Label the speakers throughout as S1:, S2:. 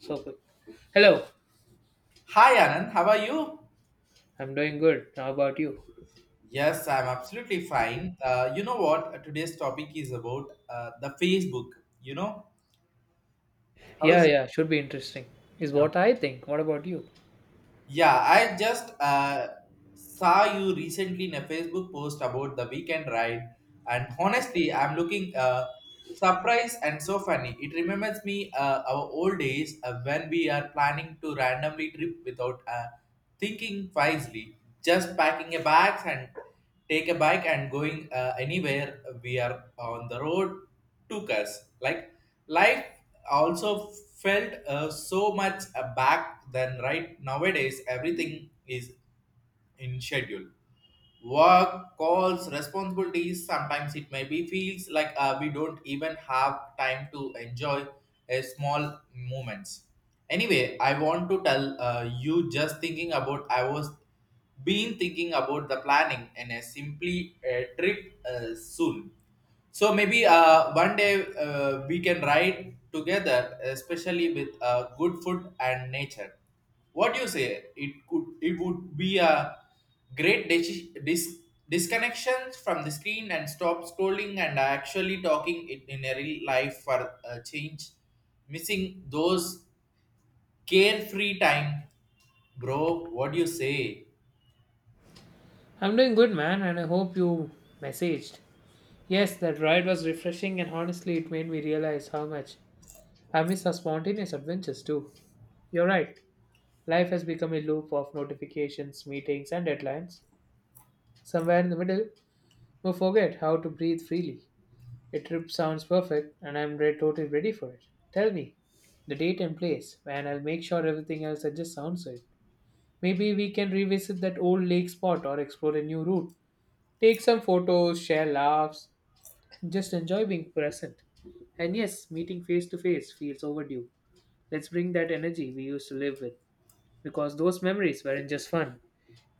S1: So good. Hello,
S2: Hi Anand, how are you?
S1: I'm doing good. How about you?
S2: Yes, I'm absolutely fine. You know what? Today's topic is about the Facebook. You know, how
S1: Yeah,
S2: is it?
S1: yeah, should be interesting, is
S2: Now?
S1: what I think. What about you?
S2: Yeah, I just saw you recently in a Facebook post about the weekend ride, and
S1: Uh,
S2: honestly, I'm looking surprised and so funny. It remembers me our old days when we are planning to randomly trip without thinking wisely, just packing a bags and take a bike and going anywhere we are on the road took us like life also felt so much back then. Right nowadays everything is in schedule, work calls, responsibilities. Sometimes it may be feels like we don't even have time to enjoy a small moments. Anyway, I want to tell you, just thinking about, I was been thinking about the planning and a simply a trip soon. So maybe one day we can ride together, especially with good food and nature. What do you say? It would be a great disconnection from the screen and stop scrolling and actually talking it in a real life for a change. Missing those carefree time, bro. What do you say?
S1: I'm doing good, man, and I hope you messaged. Yes, that ride was refreshing, and honestly, it made me realize how much I miss our spontaneous adventures, too. You're right. Life has become a loop of notifications, meetings, and deadlines. Somewhere in the middle, we forget how to breathe freely. A trip sounds perfect, and I'm totally ready for it. Tell me the date and place, and I'll make sure everything else adjusts. Sounds right. Maybe we can revisit that old lake spot or explore a new route. Take some photos, share laughs, and just enjoy being present. And yes, meeting face to face feels overdue. Let's bring that energy we used to live with, because those memories weren't just fun,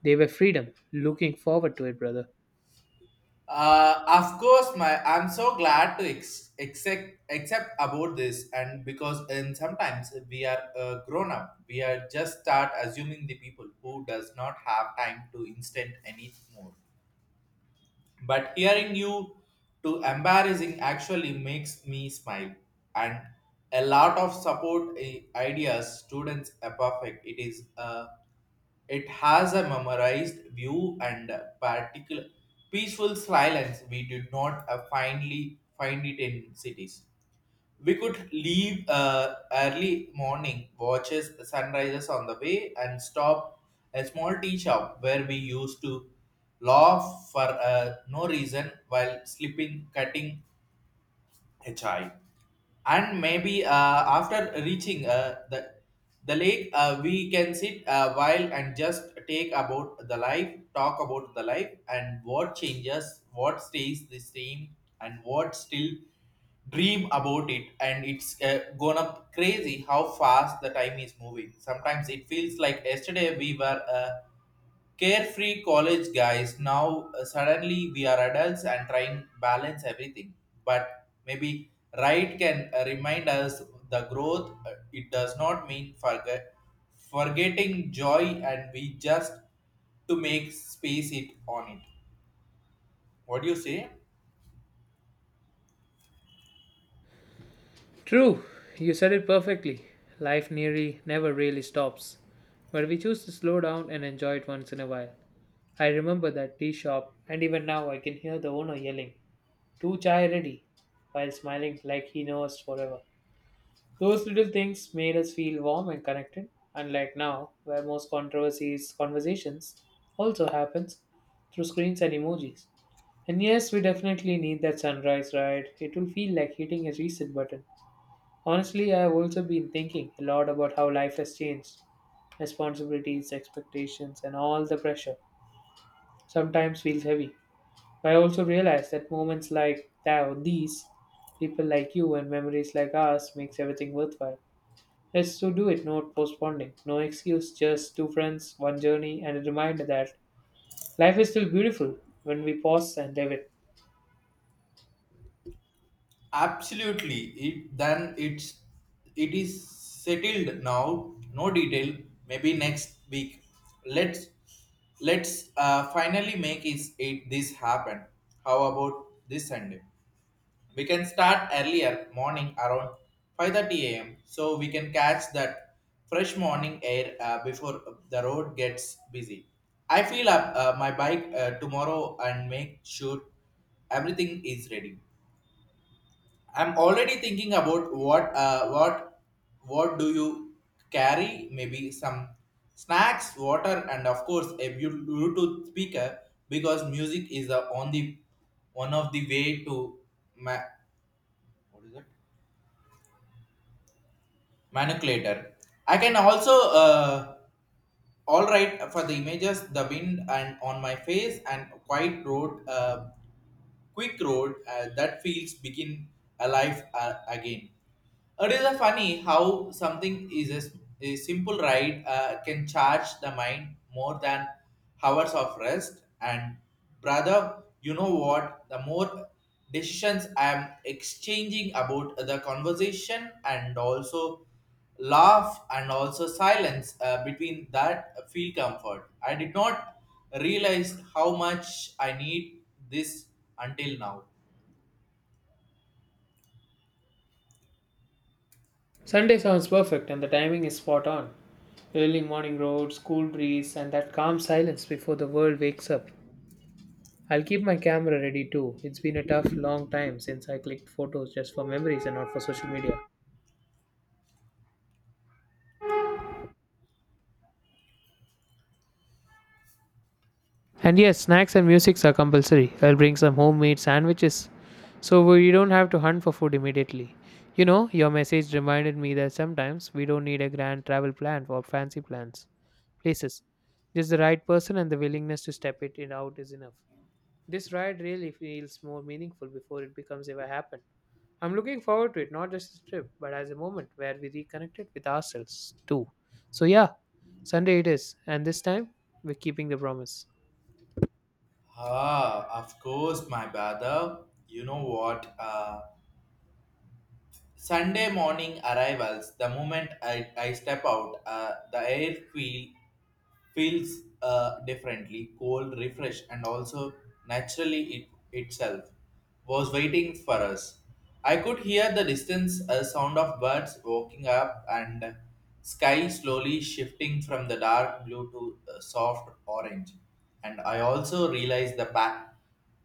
S1: they were freedom. Looking forward to it, brother.
S2: Of course, my I'm so glad to accept accept about this, and because and sometimes we are grown up, we are just start assuming the people who does not have time to instant anymore. But hearing you to embarrassing actually makes me smile, and a lot of support eh, ideas students are perfect. It is it has a memorized view and a particular peaceful silence. We did not finally find it in cities. We could leave early morning, watches sunrises on the way, and stop a small tea shop where we used to laugh for no reason while sleeping, cutting a chai, and maybe after reaching the lake we can sit a while and just take about the life, talk about the life and what changes, what stays the same and what still dream about it. And it's gone up crazy how fast the time is moving. Sometimes it feels like yesterday we were carefree college guys. Now suddenly we are adults and trying balance everything, but maybe right can remind us the growth it does not mean forgetting joy, and we just to make space it on it. What do you say?
S1: True, you said it perfectly. Life nearly never really stops, but we choose to slow down and enjoy it once in a while. I remember that tea shop, and even now I can hear the owner yelling, "Two chai ready, while smiling like he knows us forever. Those little things made us feel warm and connected, unlike now, where most controversies, conversations also happens through screens and emojis. And yes, we definitely need that sunrise ride. It will feel like hitting a reset button. Honestly, I have also been thinking a lot about how life has changed. Responsibilities, expectations, and all the pressure sometimes feels heavy. But I also realize that moments like that, these, people like you, and memories like ours makes everything worthwhile. Let's to do it, not postponing. No excuse, just two friends, one journey, and a reminder that life is still beautiful when we pause and live it.
S2: Absolutely. It's it is settled now. No detail. Maybe next week. Let's let's finally make is it this happen. How about this Sunday? We can start earlier morning around 5:30 a.m. so we can catch that fresh morning air before the road gets busy. I fill up my bike tomorrow and make sure everything is ready. I'm already thinking about what do you carry? Maybe some snacks, water, and of course a Bluetooth speaker because music is the only one of the way to ma- manipulator. I can also all right for the images, the wind and on my face and quiet road, quick road that feels begin alive again. It is a funny how something is a, s- a simple ride can charge the mind more than hours of rest. And brother, you know what? The more decisions I am exchanging about the conversation and also laugh and also silence between that feel comfort. I did not realize how much I need this until now.
S1: Sunday sounds perfect and the timing is spot on. Early morning roads, cool breeze, and that calm silence before the world wakes up. I'll keep my camera ready too. It's been a tough, long time since I clicked photos just for memories and not for social media. And yes, snacks and musics are compulsory. I'll bring some homemade sandwiches so we don't have to hunt for food immediately. You know, your message reminded me that sometimes we don't need a grand travel plan or fancy plans. Places. Just the right person and the willingness to step it in out is enough. This ride really feels more meaningful before it becomes ever happen. I'm looking forward to it, not just as a trip, but as a moment where we reconnected with ourselves too. So yeah, Sunday it is, and this time we're keeping the promise.
S2: Ah, of course, my brother. You know what? Sunday morning arrivals, the moment I step out, the air feels differently, cold, refreshed, and also naturally itself was waiting for us. I could hear the distance a sound of birds walking up and sky slowly shifting from the dark blue to soft orange. And I also realized the pack.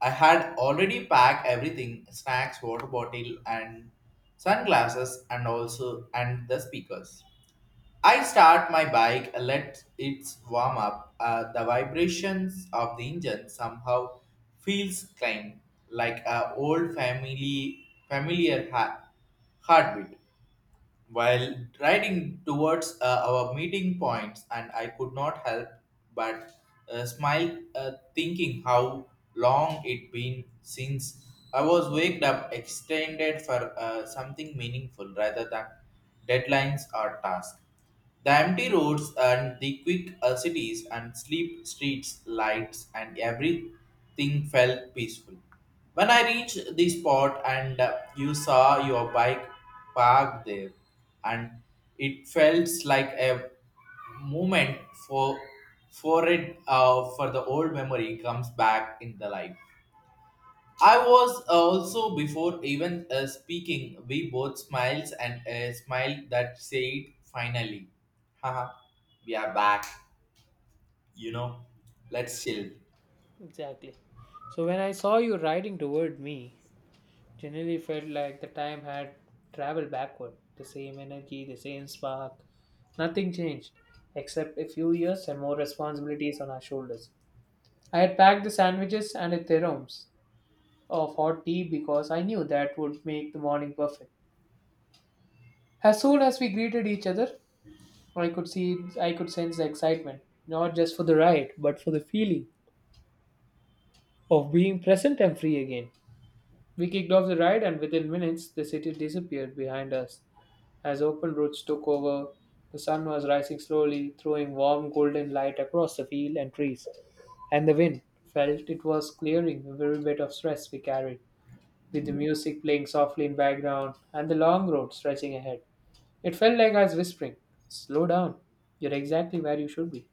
S2: I had already packed everything: snacks, water bottle, and sunglasses, and also and the speakers. I start my bike, let it warm up. The vibrations of the engine somehow feels clean, like a old family familiar heartbeat. While riding towards our meeting points, and I could not help but smile, thinking how long it been since I was waked up, extended for something meaningful rather than deadlines or tasks. The empty roads and the quick cities and sleep streets lights and everything felt peaceful. When I reached the spot and you saw your bike parked there, and it felt like a moment for for it for the old memory comes back in the life. I was also before even speaking, we both smiles and a smile that said, "Finally, haha, we are back." You know, let's chill.
S1: Exactly. So when I saw you riding toward me, generally felt like the time had traveled backward. The same energy, the same spark. Nothing changed, except a few years and more responsibilities on our shoulders. I had packed the sandwiches and the theroms, of hot tea because I knew that would make the morning perfect. As soon as we greeted each other, I could sense the excitement, not just for the ride, but for the feeling of being present and free again. We kicked off the ride and within minutes the city disappeared behind us. As open roads took over, the sun was rising slowly, throwing warm golden light across the field and trees, and the wind felt it was clearing every bit of stress we carried with the music playing softly in background and the long road stretching ahead. It felt like I was whispering, "Slow down. You're exactly where you should be."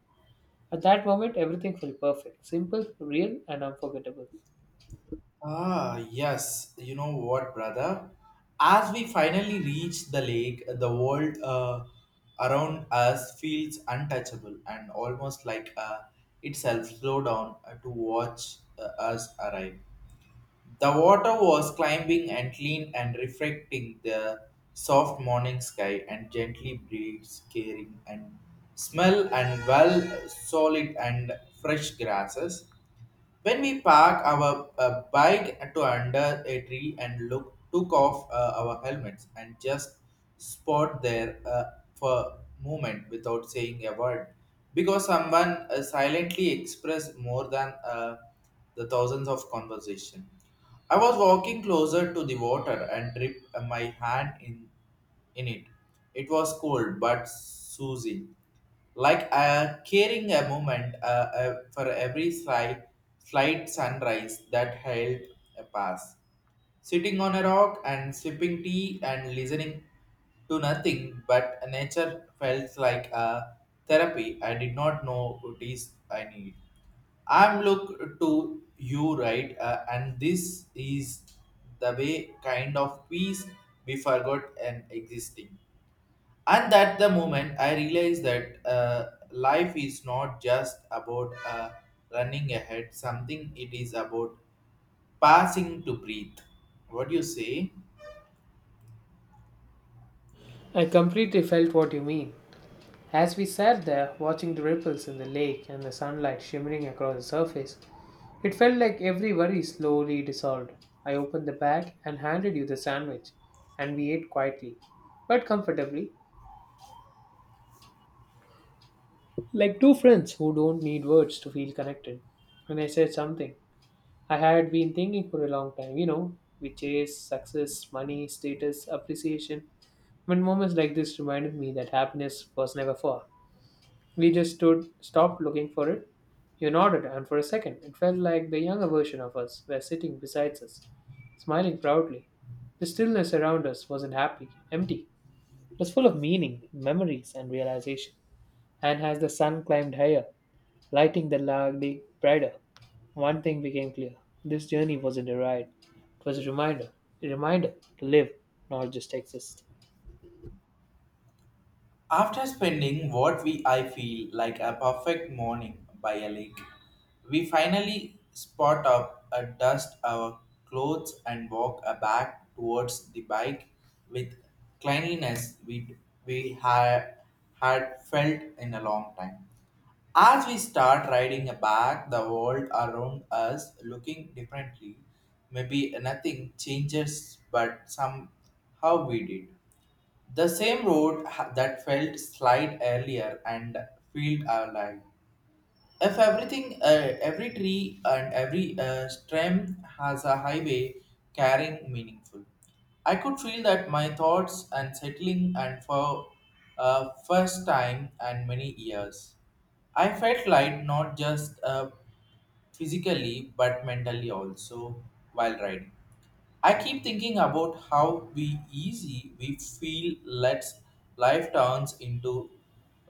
S1: At that moment, everything felt perfect, simple, real, and unforgettable.
S2: Ah, yes. You know what, brother? As we finally reach the lake, the world around us feels untouchable and almost like itself slow down to watch us arrive. The water was climbing and clean and reflecting the soft morning sky and gently breeze caring and smell and well solid and fresh grasses. When we park our bike to under a tree and look, took off our helmets and just spot there for moment without saying a word, because someone silently expressed more than the thousands of conversation. I was walking closer to the water and dipped my hand in it. It was cold but soothing, like caring a moment for every slight sunrise that held a pass. Sitting on a rock and sipping tea and listening to nothing but nature felt like a therapy I did not know what is I need. I'm look to you, right? And this is the way kind of peace we forgot and existing. And at the moment, I realized that life is not just about running ahead. Something it is about passing to breathe. What do you say?
S1: I completely felt what you mean. As we sat there watching the ripples in the lake and the sunlight shimmering across the surface, it felt like every worry slowly dissolved. I opened the bag and handed you the sandwich, and we ate quietly but comfortably like two friends who don't need words to feel connected. And I said something I had been thinking for a long time. You know, we chase success, money, status, appreciation. When moments like this reminded me that happiness was never far, we just stood, stopped looking for it. You nodded, and for a second, it felt like the younger version of us were sitting beside us, smiling proudly. The stillness around us wasn't happy, empty. It was full of meaning, memories, and realization. And as the sun climbed higher, lighting the largely brighter, one thing became clear. This journey wasn't a ride. It was a reminder. A reminder to live, not just exist.
S2: After spending what we I feel like a perfect morning by a lake, we finally spot up a dust our clothes and walk a back towards the bike with cleanliness we had felt in a long time. As we start riding back, the world around us looking differently. Maybe nothing changes, but somehow we did. The same road that felt slide earlier and felt alive. If everything, every tree and every stem has a highway carrying meaningful. I could feel that my thoughts and settling and for first time and many years. I felt light not just physically but mentally also while riding. I keep thinking about how we easy we feel lets life turns into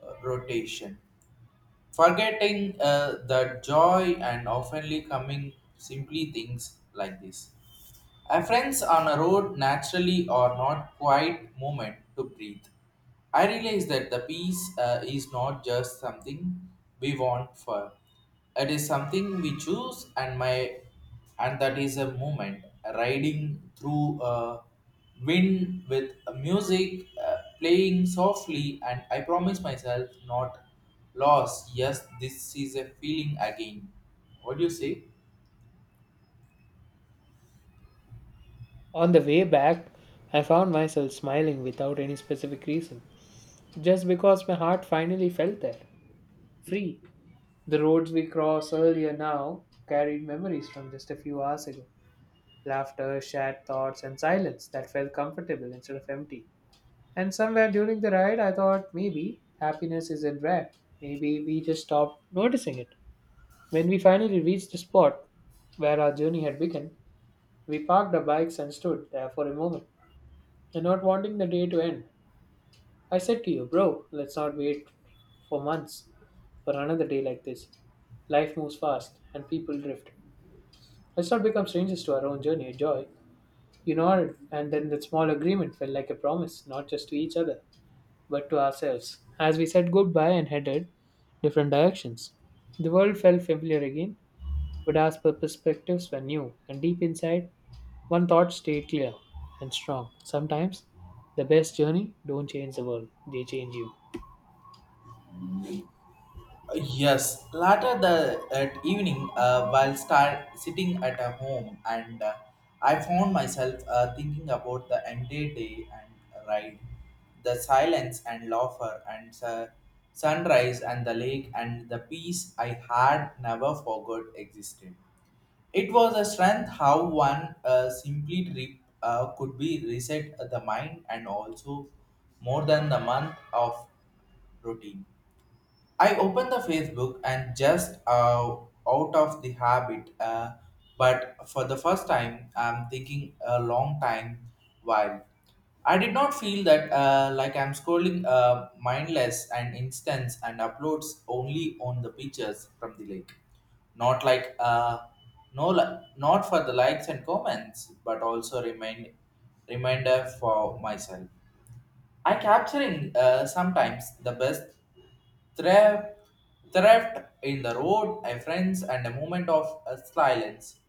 S2: rotation, forgetting the joy and oftenly coming simply things like this. Friends on a road naturally or not quite moment to breathe. I realize that the peace is not just something we want for. It is something we choose, and my and that is a moment riding through a wind with a music playing softly, and I promise myself not lost. Yes, this is a feeling again. What do you say?
S1: On the way back, I found myself smiling without any specific reason, just because my heart finally felt that. Free. The roads we crossed earlier now carried memories from just a few hours ago. Laughter, shared thoughts, and silence that felt comfortable instead of empty. And somewhere during the ride, I thought maybe happiness isn't rare. Maybe we just stopped noticing it. When we finally reached the spot where our journey had begun, we parked our bikes and stood there for a moment. And not wanting the day to end, I said to you, "Bro, let's not wait for months for another day like this. Life moves fast and people drift. Let's not become strangers to our own journey of joy." You nodded, and then that small agreement felt like a promise, not just to each other, but to ourselves. As we said goodbye and headed different directions, the world felt familiar again, but our perspectives were new, and deep inside, one thought stayed clear and strong. Sometimes, the best journey don't change the world, they change you.
S2: Yes, later the at evening, while start sitting at a home, and I found myself thinking about the entire day and ride, the silence and laughter and sunrise and the lake and the peace I had never forgot existed. It was a strength how one simply trip could be reset the mind and also more than the month of routine. I opened the Facebook and just out of the habit, but for the first time, I'm thinking a long time while. I did not feel that like I'm scrolling mindless and instance and uploads only on the pictures from the lake. Not like no, not for the likes and comments, but also reminder for myself. I capturing sometimes the best theft, theft in the road, a friends, and a moment of silence.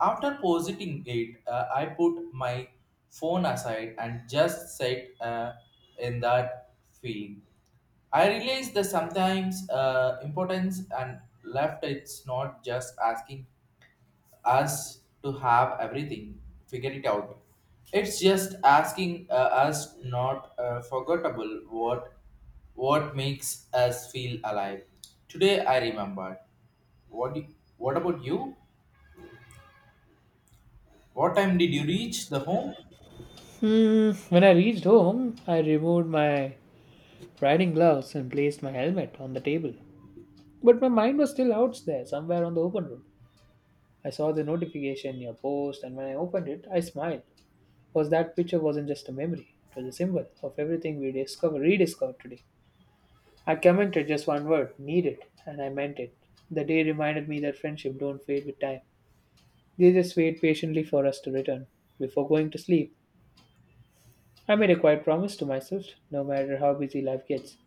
S2: After positing it, I put my phone aside and just sat in that feeling. I realized the sometimes importance and left it's not just asking us to have everything figured it out. It's just asking us not forgettable what makes us feel alive. Today I remembered. What do, what about you? What time did you reach the home?
S1: Hmm. When I reached home, I removed my riding gloves and placed my helmet on the table. But my mind was still out there, somewhere on the open road. I saw the notification, your post, and when I opened it, I smiled. Was that picture wasn't just a memory, it was a symbol of everything we rediscovered today. I commented just one word, needed, and I meant it. The day reminded me that friendship don't fade with time. They just wait patiently for us to return. Before going to sleep, I made a quiet promise to myself, no matter how busy life gets,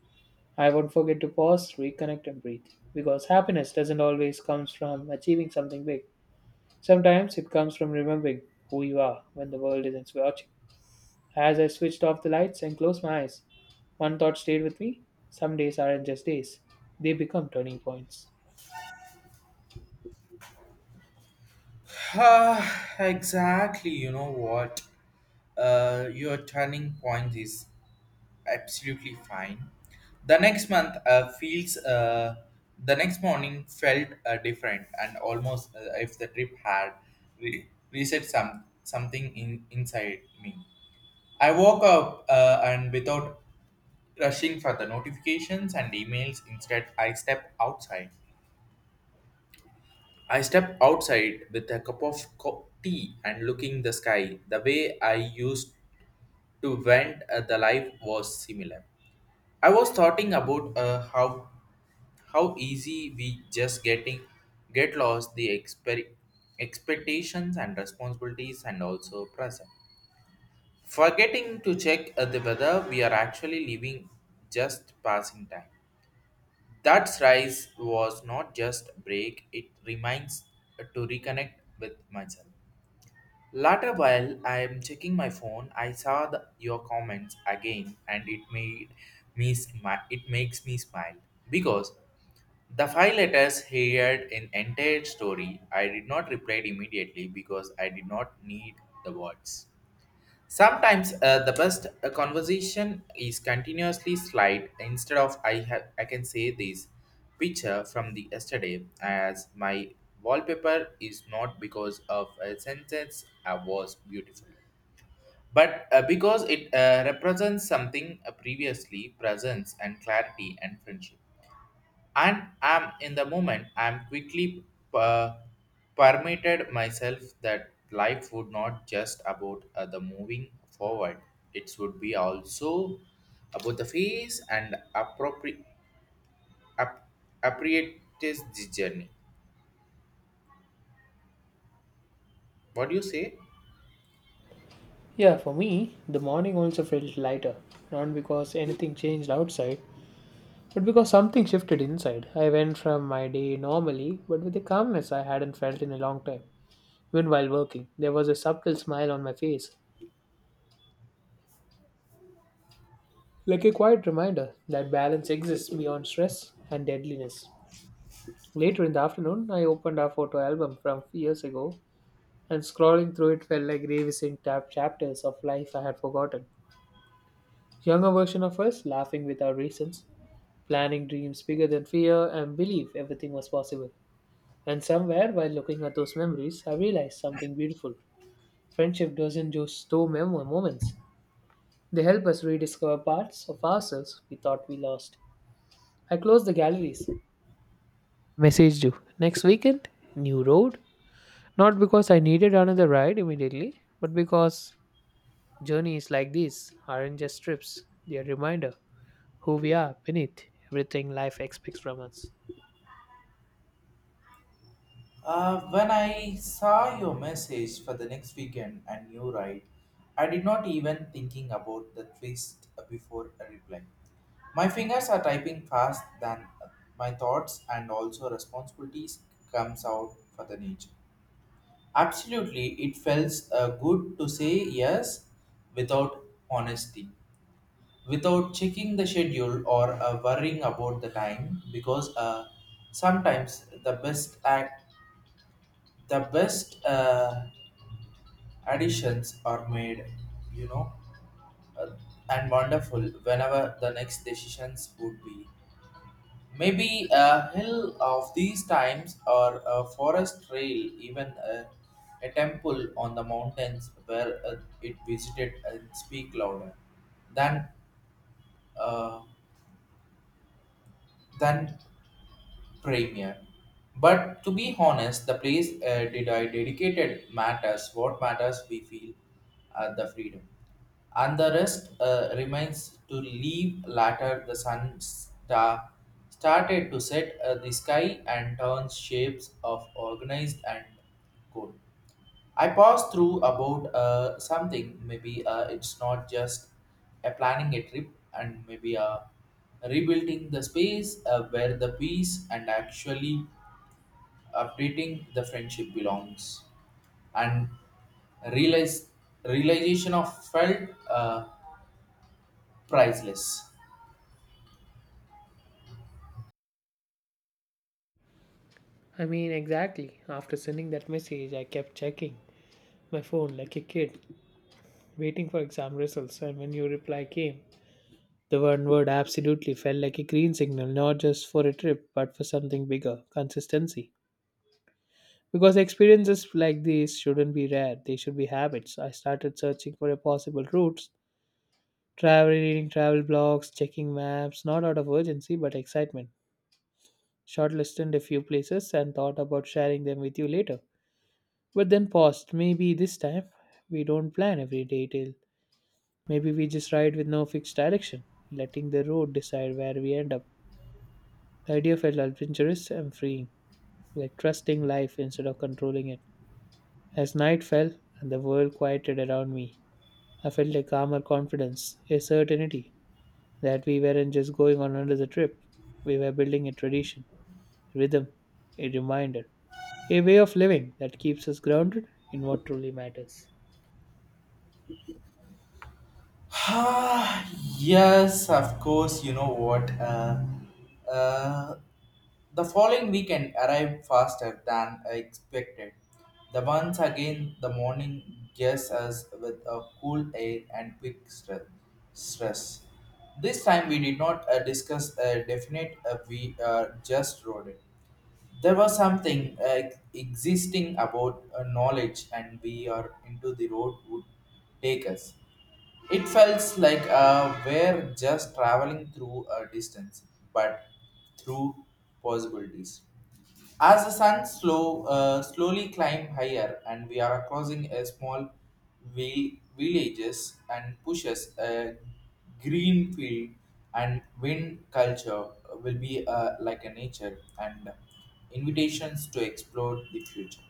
S1: I won't forget to pause, reconnect, and breathe. Because happiness doesn't always come from achieving something big. Sometimes it comes from remembering who you are when the world isn't watching. As I switched off the lights and closed my eyes, one thought stayed with me. Some days aren't just days, they become turning points.
S2: Ah, exactly. You know what? Your turning point is. Absolutely fine. The next month feels the next morning felt different and almost if the trip had reset some something in inside me. I woke up and without rushing for the notifications and emails, instead I stepped outside. I stepped outside with a cup of tea and looking the sky. The way I used to vent the life was similar. I was thoughting about how easy we just getting get lost the expectations and responsibilities and also present. Forgetting to check the weather we are actually living just passing time. That rise was not just break, it reminds to reconnect with myself. Later, while I'm checking my phone, I saw your comments again, and it made me It makes me smile because the 5 letters heard an entire story. I did not reply immediately because I did not need the words. Sometimes the best conversation is continuously slide instead of I can say this picture from the yesterday as my wallpaper is not because of a sentence I was beautiful but because it represents something previously presence and clarity and friendship and am in the moment I'm quickly uh, permitted myself that life would not just about the moving forward. It would be also about the phase and appropriate the journey. What do you say?
S1: Yeah, for me, the morning also felt lighter, not because anything changed outside, but because something shifted inside. I went from my day normally, but with a calmness I hadn't felt in a long time. Even while working, there was a subtle smile on my face, like a quiet reminder that balance exists beyond stress and deadliness. Later in the afternoon, I opened our photo album from years ago and scrolling through it felt like revisiting tab chapters of life I had forgotten. Younger version of us laughing without reasons, planning dreams bigger than fear, and believe everything was possible. And somewhere while looking at those memories, I realized something beautiful. Friendship doesn't just store moments, they help us rediscover parts of ourselves we thought we lost. I closed the galleries. Messaged you. Next weekend, new road. Not because I needed another ride immediately, but because journeys like these aren't just trips, they're a reminder who we are beneath everything life expects from us.
S2: When I saw your message for the next weekend and you right, I did not even thinking about the twist before a reply. My fingers are typing fast than my thoughts and also responsibilities comes out for the nature. Absolutely, it feels good to say yes without honesty, without checking the schedule or worrying about the time because sometimes the best additions are made, you know, uh, and wonderful whenever the next decisions would be. Maybe a hill of these times or a forest trail, even a temple on the mountains where it visited and speak louder than uh, than premier. But to be honest, the place did I dedicated matters. What matters, we feel the freedom, and the rest remains to leave. Later, the sun star started to set the sky and turns shapes of organized and good. I pass through about something. Maybe it's not just a planning a trip, and maybe rebuilding the space where the peace and actually updating the friendship belongs. And realize realization of felt priceless.
S1: I mean, exactly. After sending that message, I kept checking my phone like a kid, waiting for exam results, and when your reply came, the one word absolutely felt like a green signal, not just for a trip, but for something bigger consistency. Because experiences like these shouldn't be rare, they should be habits. I started searching for a possible routes, travel reading travel blogs, checking maps, not out of urgency but excitement. Shortlisted a few places and thought about sharing them with you later. But then paused. Maybe this time we don't plan every detail. Maybe we just ride with no fixed direction, letting the road decide where we end up. The idea felt adventurous and freeing, like trusting life instead of controlling it. As night fell and the world quieted around me, I felt a calmer confidence, a certainty that we weren't just going on another trip. We were building a tradition, rhythm, a reminder, a way of living that keeps us grounded in what truly matters.
S2: Ah yes, of course. You know what? Uh, The following weekend arrived faster than expected. The once again the morning gets us with a cool air and quick stress. This time we did not discuss a definite, we just wrote it. There was something existing about knowledge and we are into the road would take us. It felt like we're just traveling through a distance, but through possibilities. As the slowly climb higher, and we are crossing a small villages and pushes a green field, and wind culture will be like a nature and invitations to explore the future.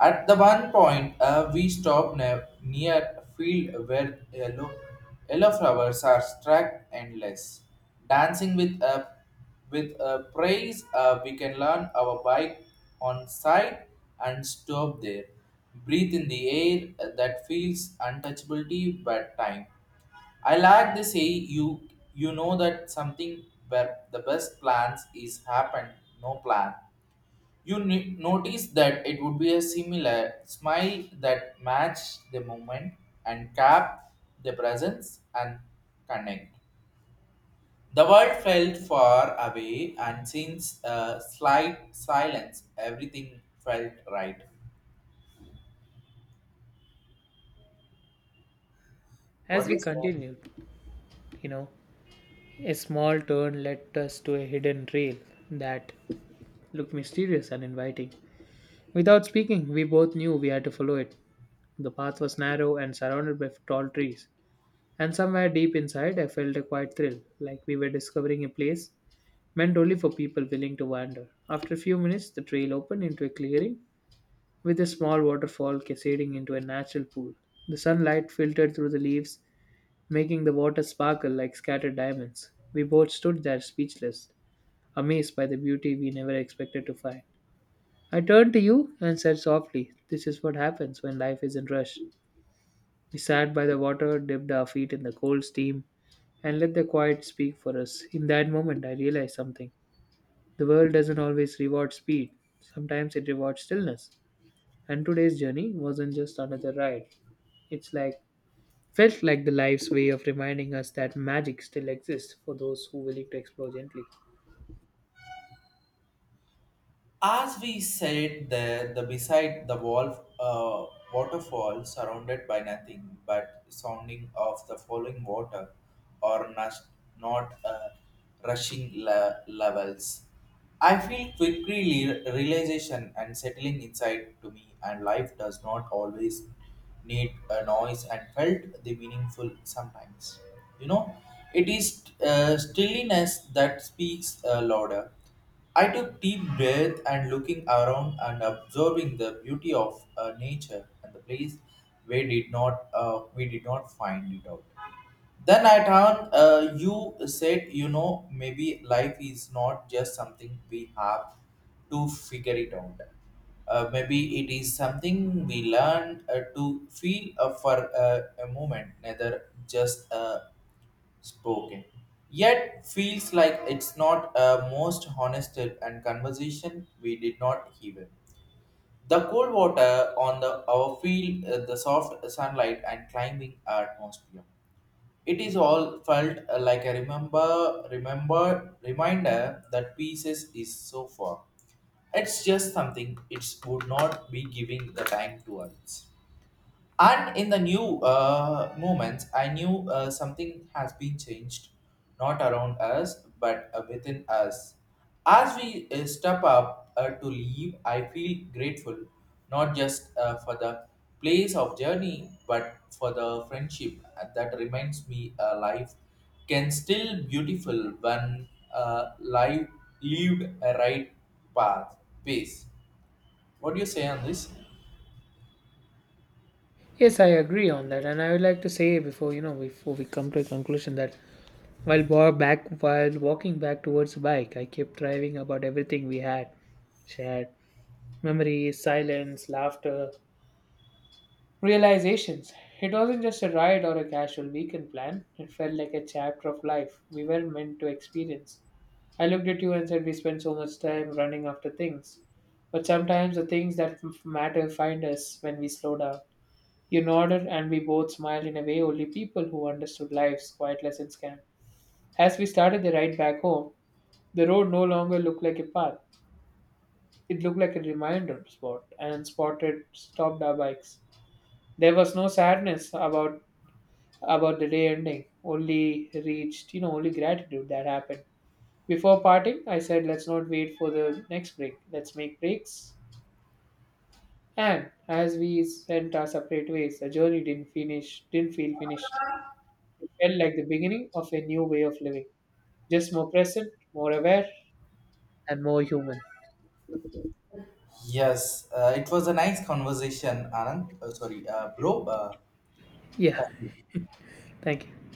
S2: At the one point, we stopped near a field where yellow flowers are struck endless. Dancing with a praise, we can learn our bike on site and stop there. Breathe in the air that feels untouchability but time. I like this say you know that something where the best plans is happen, no plan. You notice that it would be a similar smile that match the movement and cap the presence and connect. The world felt far away, and since a slight silence, everything felt right. What
S1: As
S2: do
S1: we
S2: you say?
S1: continued, you know, a small turn led us to a hidden trail that looked mysterious and inviting. Without speaking, we both knew we had to follow it. The path was narrow and surrounded by tall trees, and somewhere deep inside, I felt a quiet thrill, like we were discovering a place meant only for people willing to wander. After a few minutes, the trail opened into a clearing with a small waterfall cascading into a natural pool. The sunlight filtered through the leaves, making the water sparkle like scattered diamonds. We both stood there speechless, amazed by the beauty we never expected to find. I turned to you and said softly, "This is what happens when life is in rush." We sat by the water, dipped our feet in the cold steam, and let the quiet speak for us. In that moment, I realized something. The world doesn't always reward speed, sometimes it rewards stillness. And today's journey wasn't just another ride. It's like felt like the life's way of reminding us that magic still exists for those who willing to explore gently.
S2: As we said there, the beside the wall, waterfall surrounded by nothing but sounding of the falling water, or not rushing levels. I feel quickly realization and settling inside to me, and life does not always need a noise and felt the meaningful sometimes. You know, it is stillness that speaks louder. I took deep breath and looking around and observing the beauty of nature and the place where did not we did not find it out. Then at on you said, you know, maybe life is not just something we have to figure it out. Maybe it is something we learn to feel for a moment, neither just spoken. Yet feels like it's not a most honest and conversation we did not even. The cold water on the our field, the soft sunlight and climbing atmosphere. It is all felt like a reminder that pieces is so far. It's just something it would not be giving the time to others. And in the new moments, I knew something has been changed, not around us, but within us. As we step up to leave, I feel grateful, not just for the place of journey, but for the friendship that reminds me life can still beautiful when life lived a path, pace. What do you say on this?
S1: Yes, I agree on that, and I would like to say before, you know, before we come to a conclusion that while wa- back while walking back towards the bike, I kept driving about everything we had shared, memories, silence, laughter, realizations. It wasn't just a ride or a casual weekend plan, it felt like a chapter of life we were meant to experience. I looked at you and said, "We spend so much time running after things, but sometimes the things that matter find us when we slow down." You nodded, and we both smiled in a way only people who understood life's quiet lessons can. As we started the ride back home, the road no longer looked like a path. It looked like a reminder spot and spotted stopped our bikes. There was no sadness about the day ending, only reached, you know, only gratitude that happened. Before parting, I said, "Let's not wait for the next break, let's make breaks." And as we sent our separate ways, the journey didn't finish, didn't feel finished. It felt like the beginning of a new way of living, just more present, more aware, and more human.
S2: Yes, it was a nice conversation, Anand. Sorry, bro.
S1: Yeah,
S2: Thank you.
S1: thank you.